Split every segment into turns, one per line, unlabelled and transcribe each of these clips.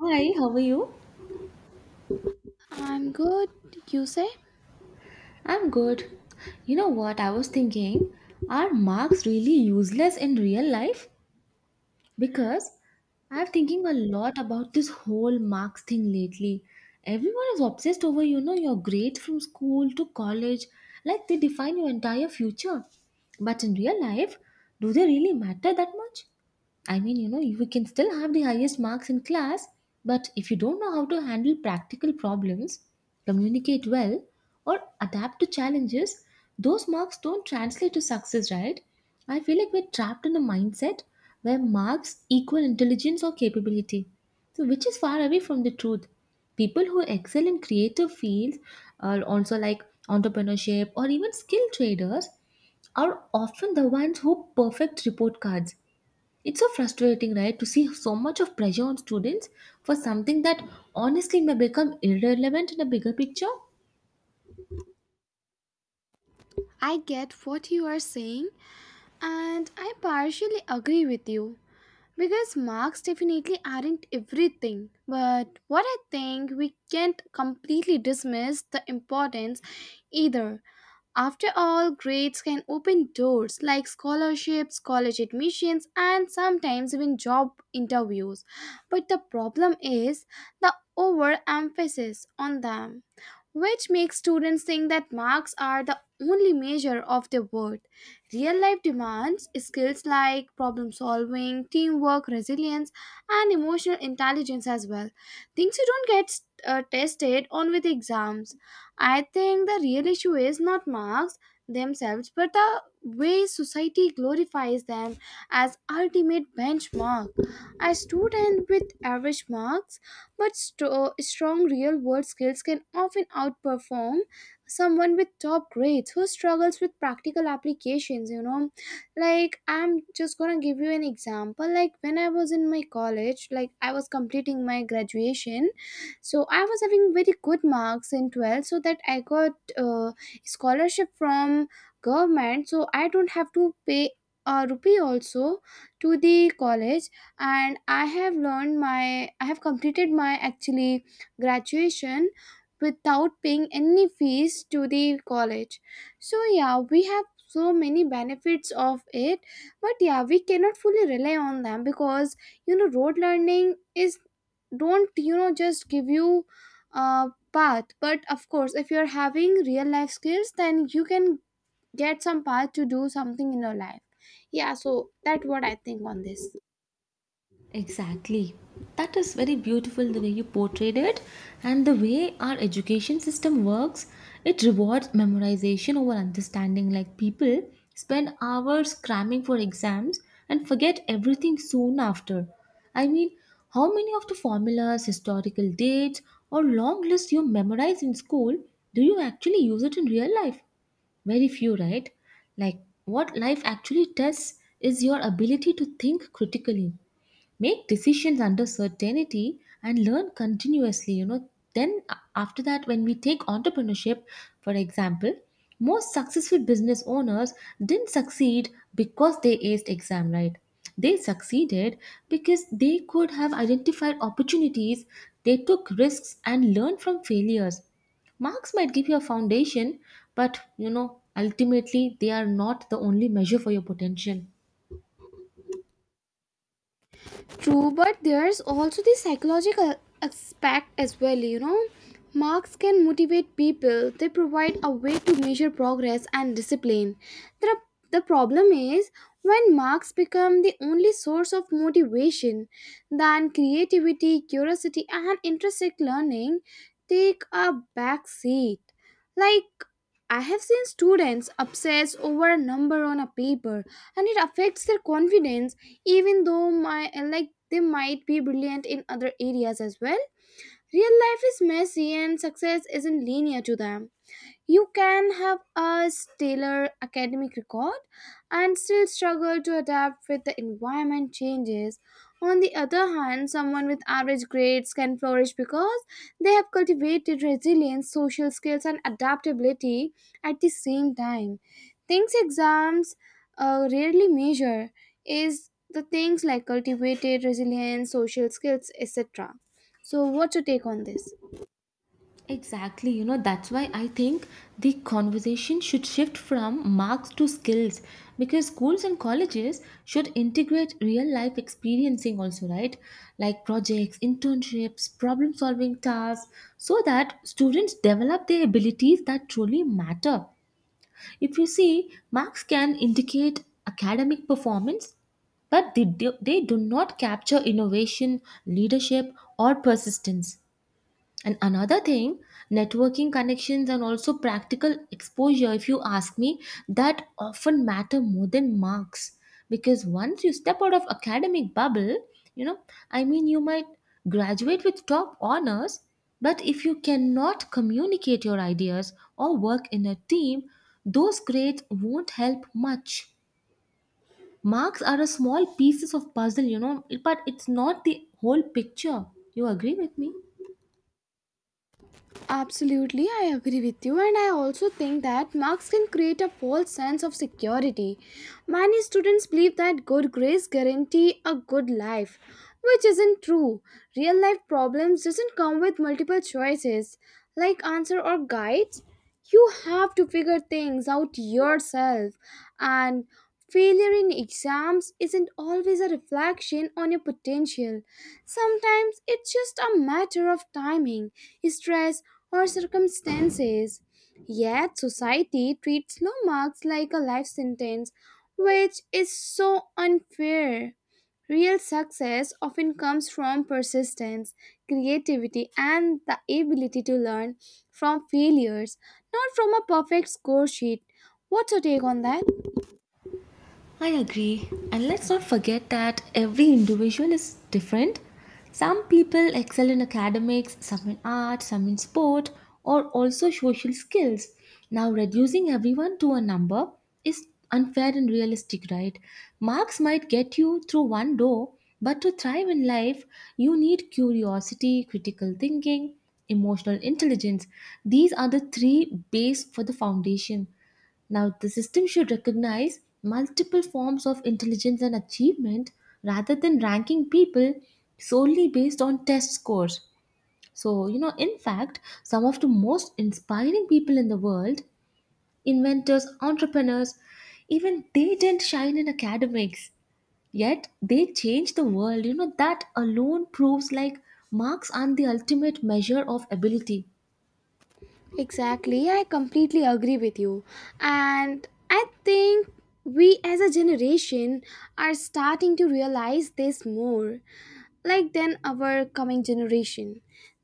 Hi, how are you?
I'm good, you say?
I'm good. You know what? I was thinking, are marks really useless in real life? Because I'm thinking a lot about this whole marks thing lately. Everyone is obsessed over, your grades from school to college, like they define your entire future. But in real life, do they really matter that much? I mean, you can still have the highest marks in class, but if you don't know how to handle practical problems, communicate well, or adapt to challenges, those marks don't translate to success, right? I feel like we're trapped in a mindset where marks equal intelligence or capability, so which is far away from the truth. People who excel in creative fields are also like entrepreneurship or even skill traders are often the ones who perfect report cards. It's so frustrating, right, to see so much of pressure on students for something that honestly may become irrelevant in the bigger picture.
I get what you are saying, and I partially agree with you because marks definitely aren't everything. But what I think we can't completely dismiss the importance either. After all, grades can open doors like scholarships, college admissions, and sometimes even job interviews. But the problem is the overemphasis on them which makes students think that marks are the only measure of their worth. Real life demands skills like problem solving, teamwork, resilience, and emotional intelligence as well. Things you don't get tested on with exams. I think the real issue is not marks themselves, but the way society glorifies them as ultimate benchmark. A student with average marks but strong real world skills can often outperform someone with top grades who struggles with practical applications. You know, like I'm just gonna give you an example, like when I was in my college, like I was completing my graduation, so I was having very good marks in 12, so that I got uh, scholarship from government, so I don't have to pay a rupee also to the college. And I have completed my actually graduation without paying any fees to the college. So yeah, we have so many benefits of it, but yeah, we cannot fully rely on them because you know, road learning is don't you know just give you a path. But of course, if you're having real life skills, then you can get some path to do something in your life. Yeah, so that's what I think on this.
Exactly. That is very beautiful the way you portrayed it and the way our education system works. It rewards memorization over understanding. Like people spend hours cramming for exams and forget everything soon after. I mean, how many of the formulas, historical dates, or long lists you memorize in school do you actually use it in real life? Very few, right? Like what life actually tests is your ability to think critically, make decisions under certainty, and learn continuously. Then after that, when we take entrepreneurship, for example, most successful business owners didn't succeed because they aced exam, right? They succeeded because they could have identified opportunities, they took risks and learned from failures. Marks might give you a foundation, but ultimately they are not the only measure for your potential.
True, but there's also the psychological aspect as well, you know. Marks can motivate people, they provide a way to measure progress and discipline. The, the problem is when marks become the only source of motivation, then creativity, curiosity, and intrinsic learning take a back seat. Like, I have seen students obsess over a number on a paper and it affects their confidence, even though my like they might be brilliant in other areas as well. Real life is messy and success isn't linear to them. You can have a stellar academic record and still struggle to adapt with the environment changes. On the other hand, someone with average grades can flourish because they have cultivated resilience, social skills, and adaptability at the same time. Things exams rarely measure is the things like cultivated resilience, social skills, etc. So, what's your take on this?
Exactly, that's why I think the conversation should shift from marks to skills because schools and colleges should integrate real life experiencing also, right? Like projects, internships, problem solving tasks, so that students develop their abilities that truly matter. If you see, marks can indicate academic performance, but they do not capture innovation, leadership, or persistence. And another thing, networking connections and also practical exposure, if you ask me, that often matter more than marks. Because once you step out of academic bubble, you know, I mean, you might graduate with top honors, but if you cannot communicate your ideas or work in a team, those grades won't help much. Marks are a small pieces of puzzle, but it's not the whole picture. You agree with me?
Absolutely, I agree with you, and I also think that marks can create a false sense of security. Many students believe that good grades guarantee a good life, which isn't true. Real life problems doesn't come with multiple choices like answer or guides. You have to figure things out yourself, and failure in exams isn't always a reflection on your potential. Sometimes it's just a matter of timing, stress, or circumstances. Yet, society treats low marks like a life sentence, which is so unfair. Real success often comes from persistence, creativity, and the ability to learn from failures, not from a perfect score sheet. What's your take on that?
I agree. And let's not forget that every individual is different. Some people excel in academics, some in art, some in sport, or also social skills. Now, reducing everyone to a number is unfair and realistic, right? Marks might get you through one door, but to thrive in life, you need curiosity, critical thinking, emotional intelligence. These are the three base for the foundation. Now, the system should recognize multiple forms of intelligence and achievement rather than ranking people solely based on test scores. So, in fact, some of the most inspiring people in the world, inventors, entrepreneurs, even they didn't shine in academics. Yet they changed the world. That alone proves like marks aren't the ultimate measure of ability.
Exactly, I completely agree with you. And I think we as a generation are starting to realize this more, like than our coming generation.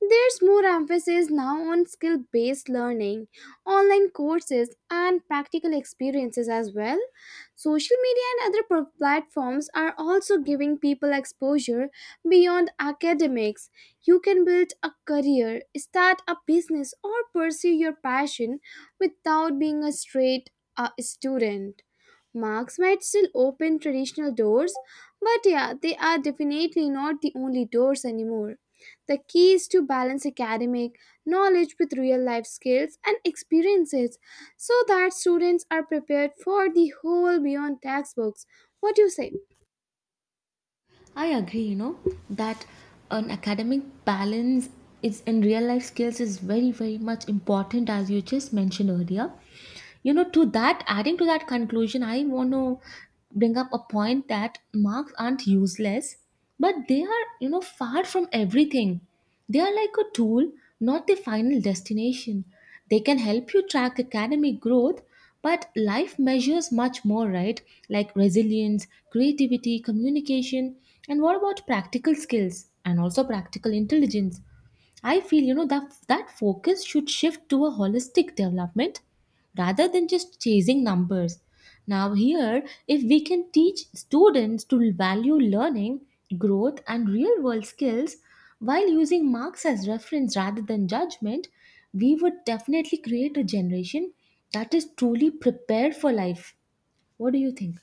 There's more emphasis now on skill based learning, online courses, and practical experiences as well. Social media and other platforms are also giving people exposure beyond academics. You can build a career, start a business, or pursue your passion without being a straight student. Marks might still open traditional doors, but yeah, they are definitely not the only doors anymore. The key is to balance academic knowledge with real life skills and experiences so that students are prepared for the whole beyond textbooks. What do you say?
I agree, that an academic balance is in real life skills is very, very much important as you just mentioned earlier. To that, adding to that conclusion, I want to bring up a point that marks aren't useless, but they are, far from everything. They are like a tool, not the final destination. They can help you track academic growth, but life measures much more, right? Like resilience, creativity, communication, and what about practical skills and also practical intelligence? I feel that focus should shift to a holistic development rather than just chasing numbers. Now here if we can teach students to value learning, growth and real world skills while using marks as reference rather than judgment, we would definitely create a generation that is truly prepared for life. What do you think?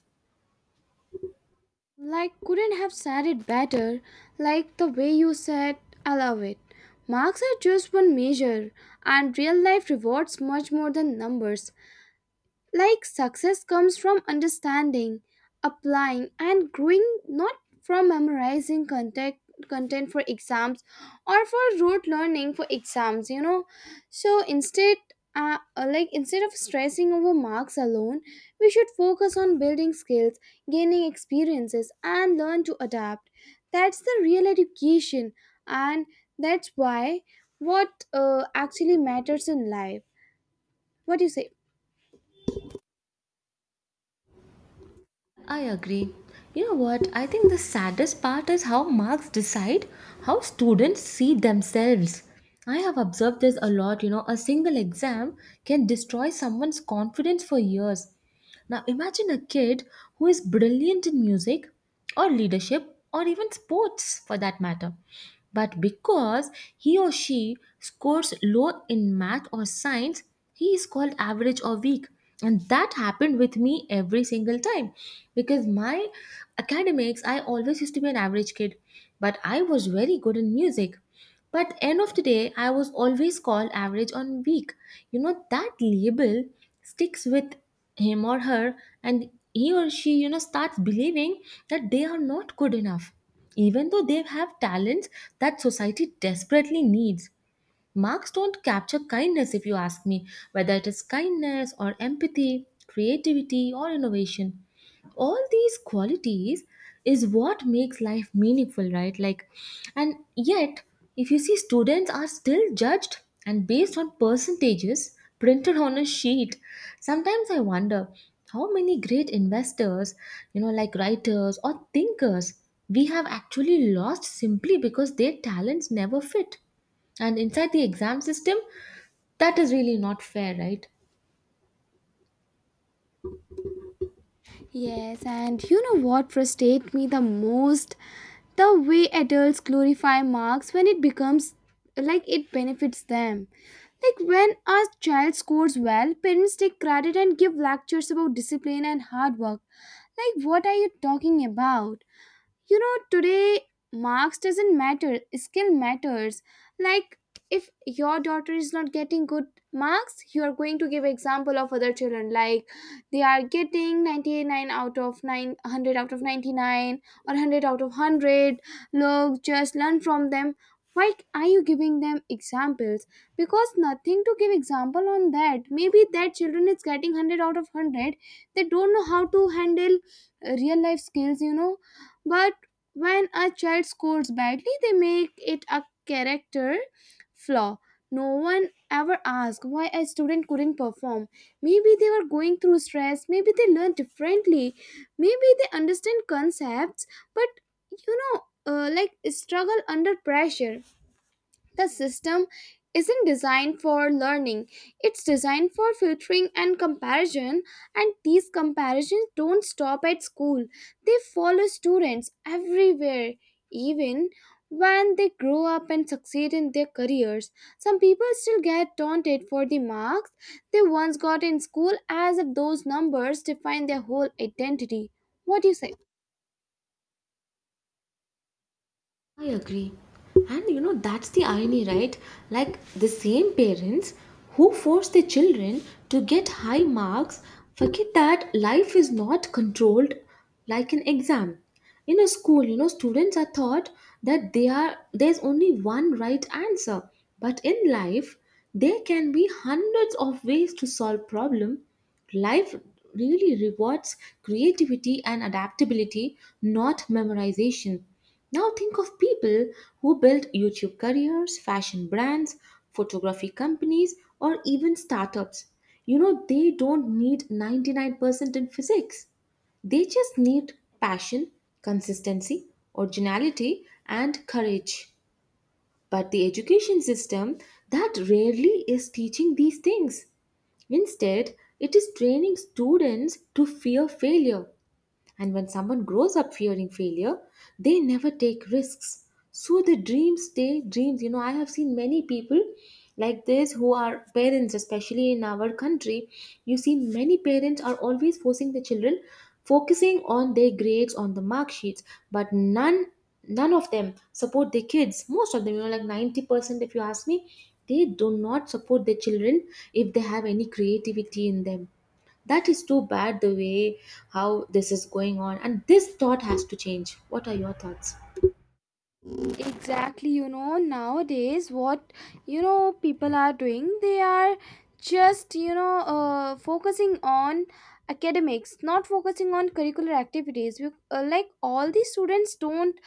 Like, couldn't have said it better. Like, the way you said, I love it. Marks are just one measure, and real life rewards much more than numbers. Like success comes from understanding, applying, and growing, not from memorizing content content for exams or for rote learning for exams, you know. So instead, like instead of stressing over marks alone, we should focus on building skills, gaining experiences, and learn to adapt. That's the real education. And that's why what actually matters in life. What do you say?
I agree. You know what? I think the saddest part is how marks decide how students see themselves. I have observed this a lot. A single exam can destroy someone's confidence for years. Now imagine a kid who is brilliant in music or leadership or even sports for that matter. But because he or she scores low in math or science, he is called average or weak. And that happened with me every single time because my academics, I always used to be an average kid, but I was very good in music. But end of the day, I was always called average on weak. That label sticks with him or her, and he or she starts believing that they are not good enough, even though they have talents that society desperately needs. Marks don't capture kindness, if you ask me, whether it is kindness or empathy, creativity or innovation. All these qualities is what makes life meaningful, right? Like, and yet, if you see, students are still judged and based on percentages printed on a sheet. Sometimes I wonder how many great investors, like writers or thinkers, we have actually lost simply because their talents never fit. And inside the exam system, that is really not fair, right?
Yes, and you know what frustrates me the most? The way adults glorify marks when it becomes like it benefits them. Like when a child scores well, parents take credit and give lectures about discipline and hard work. Like, what are you talking about? You know, today marks doesn't matter, skill matters. Like, if your daughter is not getting good marks, you are going to give example of other children, like they are getting 99 out of 900 out of 99 or 100 out of 100. Look, just learn from them. Why are you giving them examples? Because nothing to give example on that. Maybe that children is getting 100 out of 100, they don't know how to handle real life skills, you know. But when a child scores badly, they make it a character flaw. No one ever asks why a student couldn't perform. Maybe they were going through stress, maybe they learned differently, maybe they understand concepts, but like struggle under pressure. The system isn't designed for learning, it's designed for filtering and comparison, and these comparisons don't stop at school. They follow students everywhere, even when they grow up and succeed in their careers. Some people still get taunted for the marks they once got in school as if those numbers define their whole identity. What do you say?
I agree. And that's the irony, right? Like the same parents who force their children to get high marks forget that life is not controlled like an exam. In a school, students are taught that they are there's only one right answer. But in life, there can be hundreds of ways to solve problem. Life really rewards creativity and adaptability, not memorization. Now think of people who built YouTube careers, fashion brands, photography companies, or even startups. They don't need 99% in physics. They just need passion, consistency, originality, and courage. But the education system that rarely is teaching these things. Instead, it is training students to fear failure and when someone grows up fearing failure, they never take risks. So the dreams stay dreams. I have seen many people like this who are parents, especially in our country. You see, many parents are always forcing the children, focusing on their grades, on the mark sheets, but none of them support their kids, most of them like 90%, if you ask me, they do not support their children if they have any creativity in them. That is too bad the way how this is going on, and this thought has to change. What are your thoughts?
Exactly, you know nowadays what, you know, people are doing, they are just, you know, focusing on academics, not focusing on curricular activities. Like, all the students don't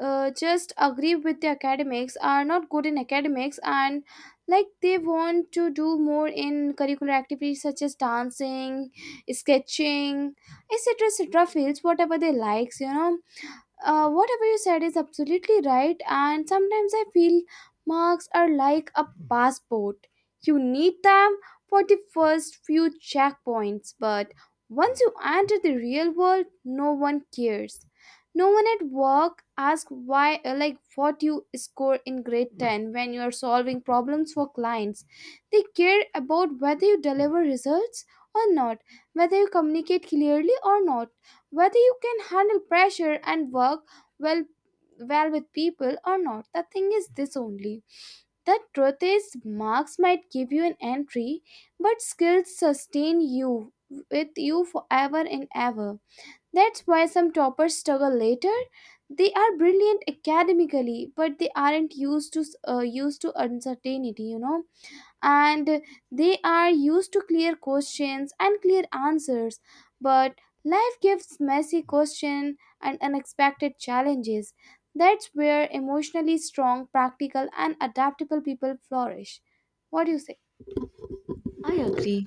just agree with the academics are not good in academics, and like they want to do more in curricular activities such as dancing, sketching, etc., etc. fields, whatever they likes, you know. Whatever you said is absolutely right, and sometimes I feel marks are like a passport, you need them for the first few checkpoints. But once you enter the real world, no one cares. No one at work asks why, like what you score in grade 10 when you are solving problems for clients. They care about whether you deliver results or not, whether you communicate clearly or not, whether you can handle pressure and work well well with people or not. The thing is this only, the truth is marks might give you an entry, but skills sustain you with you forever and ever. That's why some toppers struggle later, they are brilliant academically, but they aren't used to uncertainty, you know. And they are used to clear questions and clear answers, but life gives messy questions and unexpected challenges. That's where emotionally strong, practical, and adaptable people flourish. What do you say?
I agree.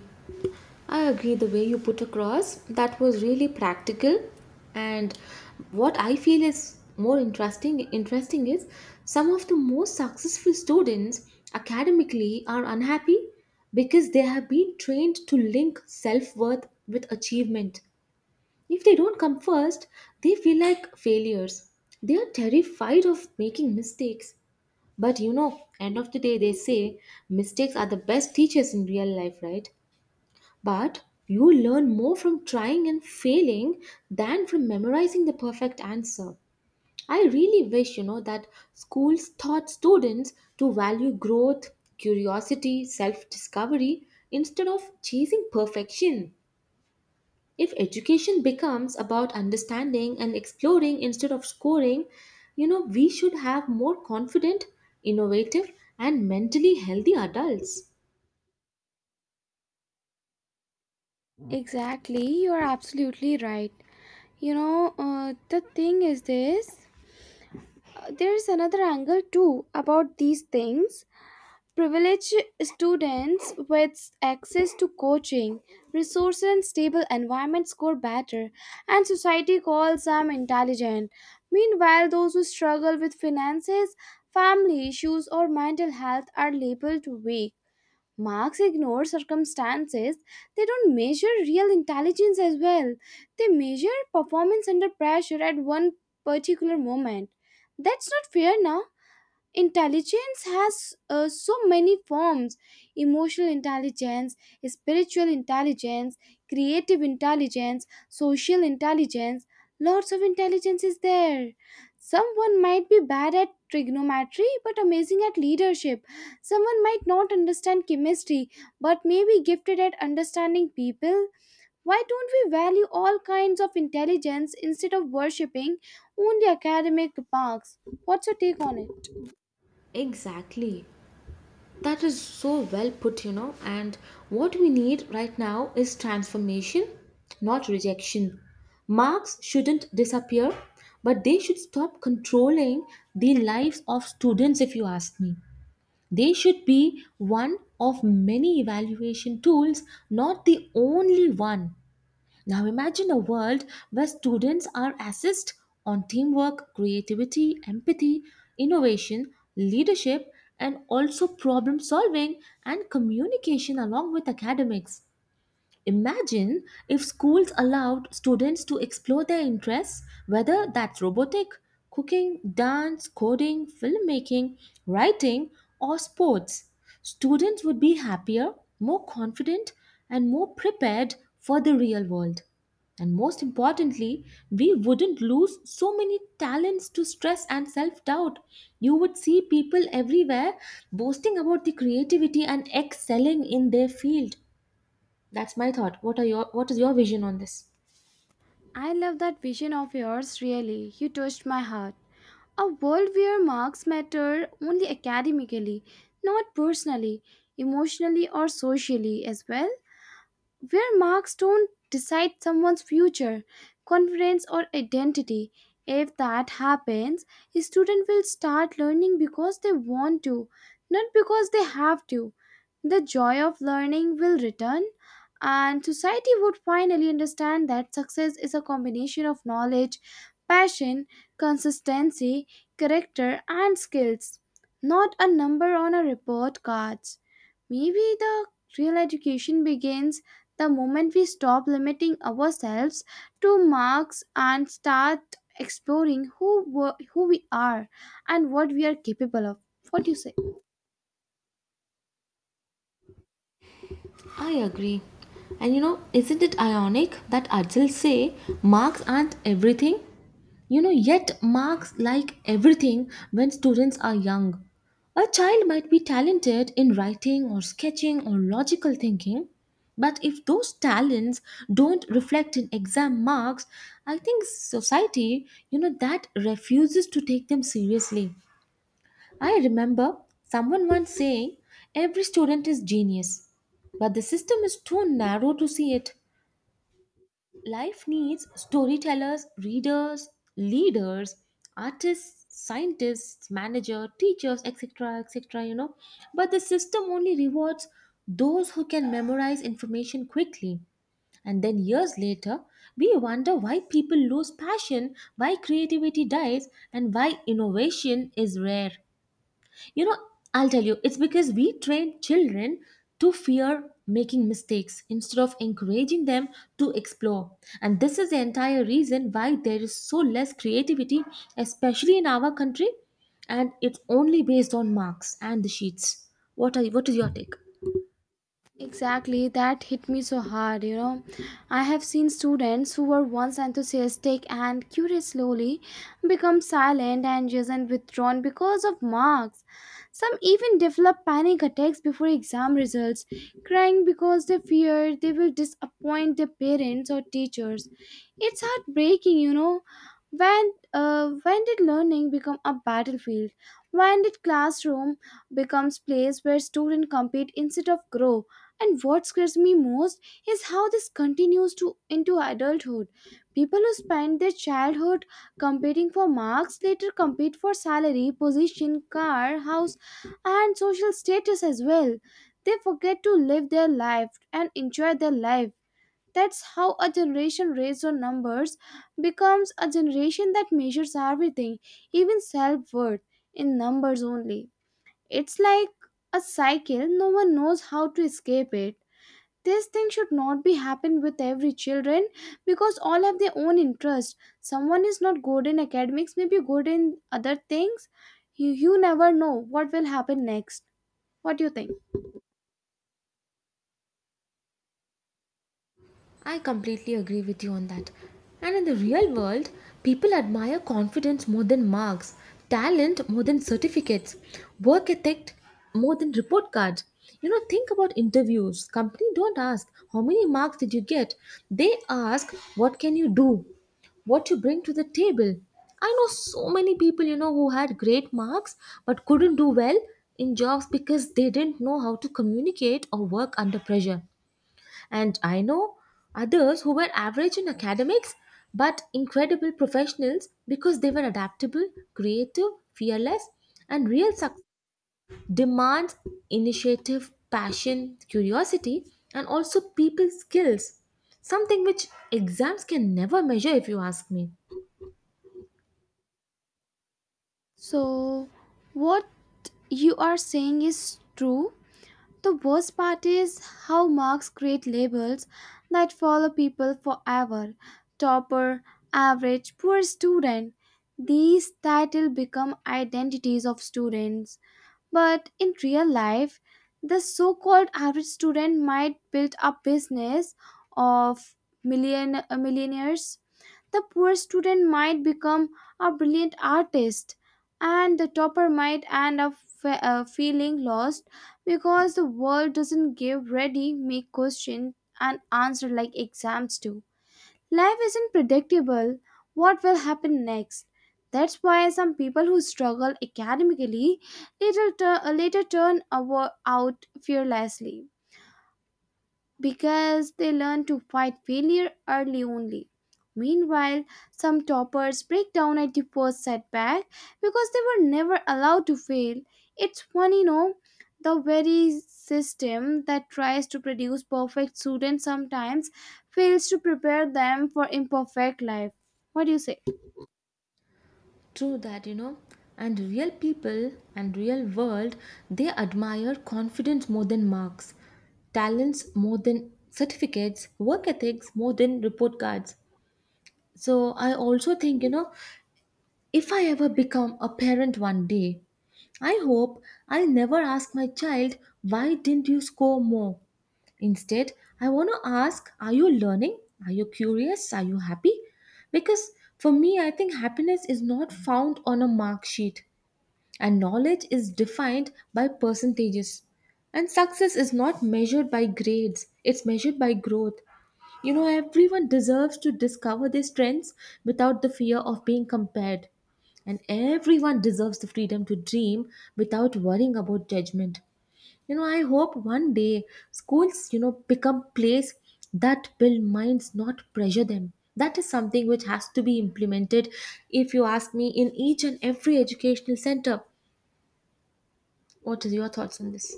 I agree the way you put across. That was really practical. And what I feel is more interesting is some of the most successful students academically are unhappy because they have been trained to link self-worth with achievement. If they don't come first, they feel like failures. They are terrified of making mistakes. But end of the day they say mistakes are the best teachers in real life, right? But you learn more from trying and failing than from memorizing the perfect answer. I really wish, that schools taught students to value growth, curiosity, self-discovery instead of chasing perfection. If education becomes about understanding and exploring instead of scoring, we should have more confident, innovative, and mentally healthy adults.
Exactly, you are absolutely right. You know, the thing is this, there is another angle too about these things. Privileged students with access to coaching, resources, and stable environment score better, and society calls them intelligent. Meanwhile, those who struggle with finances, family issues, or mental health are labeled weak. Marks ignore circumstances. They don't measure real intelligence as well. They measure performance under pressure at one particular moment. That's not fair now. Intelligence has so many forms: emotional intelligence, spiritual intelligence, creative intelligence, social intelligence. Lots of intelligence is there. Someone might be bad at trigonometry but amazing at leadership. Someone might not understand chemistry but may be gifted at understanding people. Why don't we value all kinds of intelligence instead of worshipping only academic marks? What's your take on it?
Exactly. That is so well put. And what we need right now is transformation, not rejection. Marks shouldn't disappear, but they should stop controlling the lives of students, if you ask me. They should be one of many evaluation tools, not the only one. Now imagine a world where students are assessed on teamwork, creativity, empathy, innovation, leadership, and also problem solving and communication along with academics. Imagine if schools allowed students to explore their interests, whether that's robotic, cooking, dance, coding, filmmaking, writing, or sports. Students would be happier, more confident, and more prepared for the real world. And most importantly, we wouldn't lose so many talents to stress and self doubt. You would see people everywhere boasting about the creativity and excelling in their field. That's my thought. What is your vision on this?
I love that vision of yours, really. You touched my heart. A world where marks matter only academically, not personally, emotionally, or socially as well. Where marks don't decide someone's future, confidence, or identity. If that happens, a student will start learning because they want to, not because they have to. The joy of learning will return, and society would finally understand that success is a combination of knowledge, passion, consistency, character, and skills, not a number on a report cards. Maybe the real education begins the moment we stop limiting ourselves to marks and start exploring who we are and what we are capable of. What do you say?
I agree. And isn't it ironic that adults say marks aren't everything? Yet marks like everything when students are young. A child might be talented in writing or sketching or logical thinking, but if those talents don't reflect in exam marks, I think society, that refuses to take them seriously. I remember someone once saying every student is genius, but the system is too narrow to see it. Life needs storytellers, readers, leaders, artists, scientists, manager, teachers, etc., etc. But the system only rewards those who can memorize information quickly. And then years later, we wonder why people lose passion, why creativity dies, and why innovation is rare. You know, I'll tell you, it's because we train children to fear making mistakes instead of encouraging them to explore. And this is the entire reason why there is so less creativity, especially in our country, and it's only based on marks and the sheets. What is your take?
Exactly, that hit me so hard, you know. I have seen students who were once enthusiastic and curious slowly become silent, anxious, and withdrawn because of marks. Some even develop panic attacks before exam results, crying because they fear they will disappoint their parents or teachers. It's heartbreaking, you know. When did learning become a battlefield? When did classroom becomes place where students compete instead of grow? And what scares me most is how this continues to into adulthood. People who spend their childhood competing for marks later compete for salary, position, car, house, and social status as well. They forget to live their life and enjoy their life. That's how a generation raised on numbers becomes a generation that measures everything, even self worth, in numbers only. It's like a cycle, no one knows how to escape it. This thing should not be happen with every children because all have their own interest. Someone is not good in academics, maybe good in other things. You never know what will happen next. What do you think?
I completely agree with you on that. And in the real world, people admire confidence more than marks, talent more than certificates, work ethic more than report cards. Think about interviews. Company don't ask how many marks did you get. They ask what can you do, what you bring to the table. I know so many people, who had great marks but couldn't do well in jobs because they didn't know how to communicate or work under pressure. And I know others who were average in academics but incredible professionals because they were adaptable, creative, fearless, and real success demands initiative, passion, curiosity, and also people skills. Something which exams can never measure, if you ask me.
So what you are saying is true. The worst part is how marks create labels that follow people forever. Topper, average, poor student, these titles become identities of students. But in real life, the so called average student might build a business of millionaires. The poor student might become a brilliant artist, and the topper might end up feeling lost because the world doesn't give ready made question and answer like exams do. Life isn't predictable what will happen next. That's why some people who struggle academically later out fearlessly because they learn to fight failure early only. Meanwhile, some toppers break down at the first setback because they were never allowed to fail. It's funny, no? The very system that tries to produce perfect students sometimes fails to prepare them for imperfect life. What do you say?
True that. And real people and real world, they admire confidence more than marks, talents more than certificates, work ethics more than report cards. So I also think, if I ever become a parent one day, I hope I'll never ask my child, why didn't you score more? Instead, I want to ask, are you learning? Are you curious? Are you happy? Because for me, I think happiness is not found on a mark sheet, and knowledge is defined by percentages, and success is not measured by grades, it's measured by growth, everyone deserves to discover their strengths without the fear of being compared, and everyone deserves the freedom to dream without worrying about judgment, I hope one day schools become place that build minds, not pressure them. That is something which has to be implemented, if you ask me, in each and every educational center. What is your thoughts on this?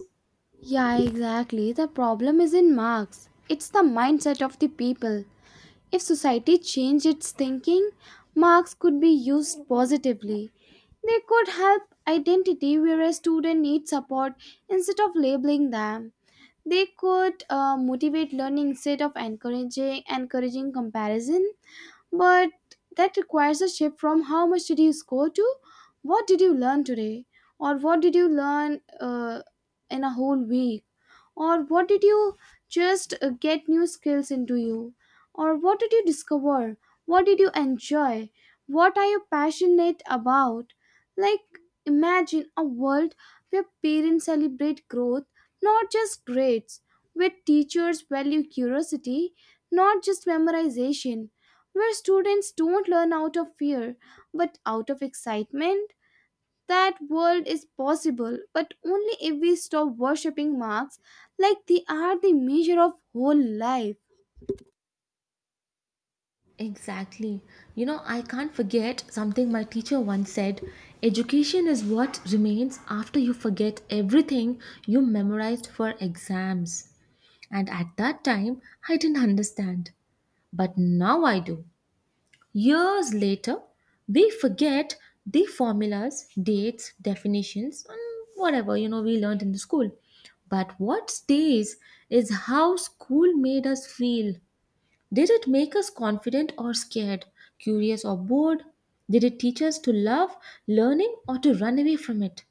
Yeah, exactly. The problem is in marks. It's the mindset of the people. If society changed its thinking, marks could be used positively. They could help identity where a student needs support instead of labeling them. They could motivate learning instead of encouraging comparison. But that requires a shift from how much did you score to what did you learn today, or what did you learn in a whole week, or what did you just get new skills into you? Or what did you discover? What did you enjoy? What are you passionate about? Like, imagine a world where parents celebrate growth, not just grades, where teachers value curiosity, not just memorization, where students don't learn out of fear but out of excitement. That world is possible, but only if we stop worshipping marks like they are the measure of whole life.
Exactly. I can't forget something my teacher once said, education is what remains after you forget everything you memorized for exams. And at that time, I didn't understand. But now I do. Years later, we forget the formulas, dates, definitions, and whatever we learned in the school. But what stays is how school made us feel. Did it make us confident or scared, curious or bored? Did it teach us to love learning or to run away from it?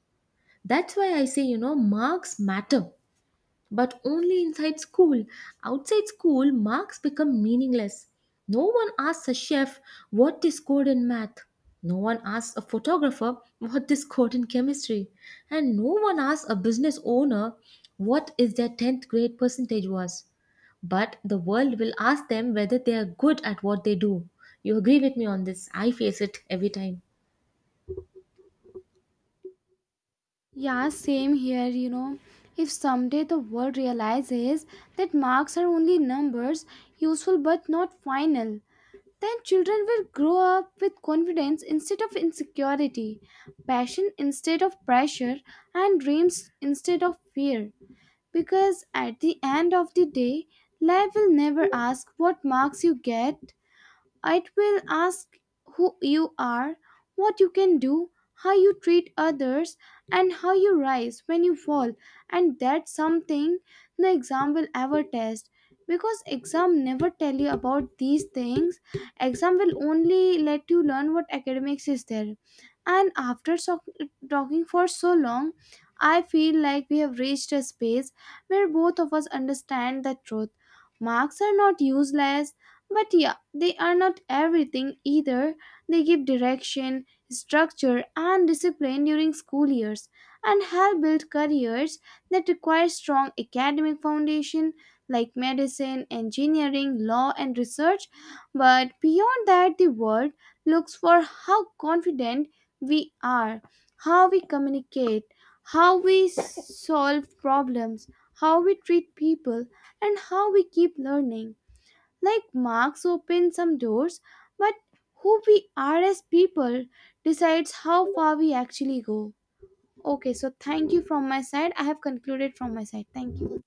That's why I say, marks matter. But only inside school. Outside school, marks become meaningless. No one asks a chef what they scored in math. No one asks a photographer what they scored in chemistry. And no one asks a business owner what is their 10th grade percentage was. But the world will ask them whether they are good at what they do. You agree with me on this? I face it every time.
Yeah, same here, you know. If someday the world realizes that marks are only numbers, useful but not final, then children will grow up with confidence instead of insecurity, passion instead of pressure, and dreams instead of fear. Because at the end of the day, life will never ask what marks you get, it will ask who you are, what you can do, how you treat others, and how you rise when you fall. And that's something the exam will ever test. Because exam never tell you about these things. Exam will only let you learn what academics is there. And talking for so long, I feel like we have reached a space where both of us understand the truth. Marks are not useless, but yeah, they are not everything either. They give direction, structure, and discipline during school years and help build careers that require strong academic foundation like medicine, engineering, law, and research. But beyond that, the world looks for how confident we are, how we communicate, how we solve problems, how we treat people, and how we keep learning. Like marks open some doors, but who we are as people decides how far we actually go. Okay, so thank you from my side. I have concluded from my side. Thank you.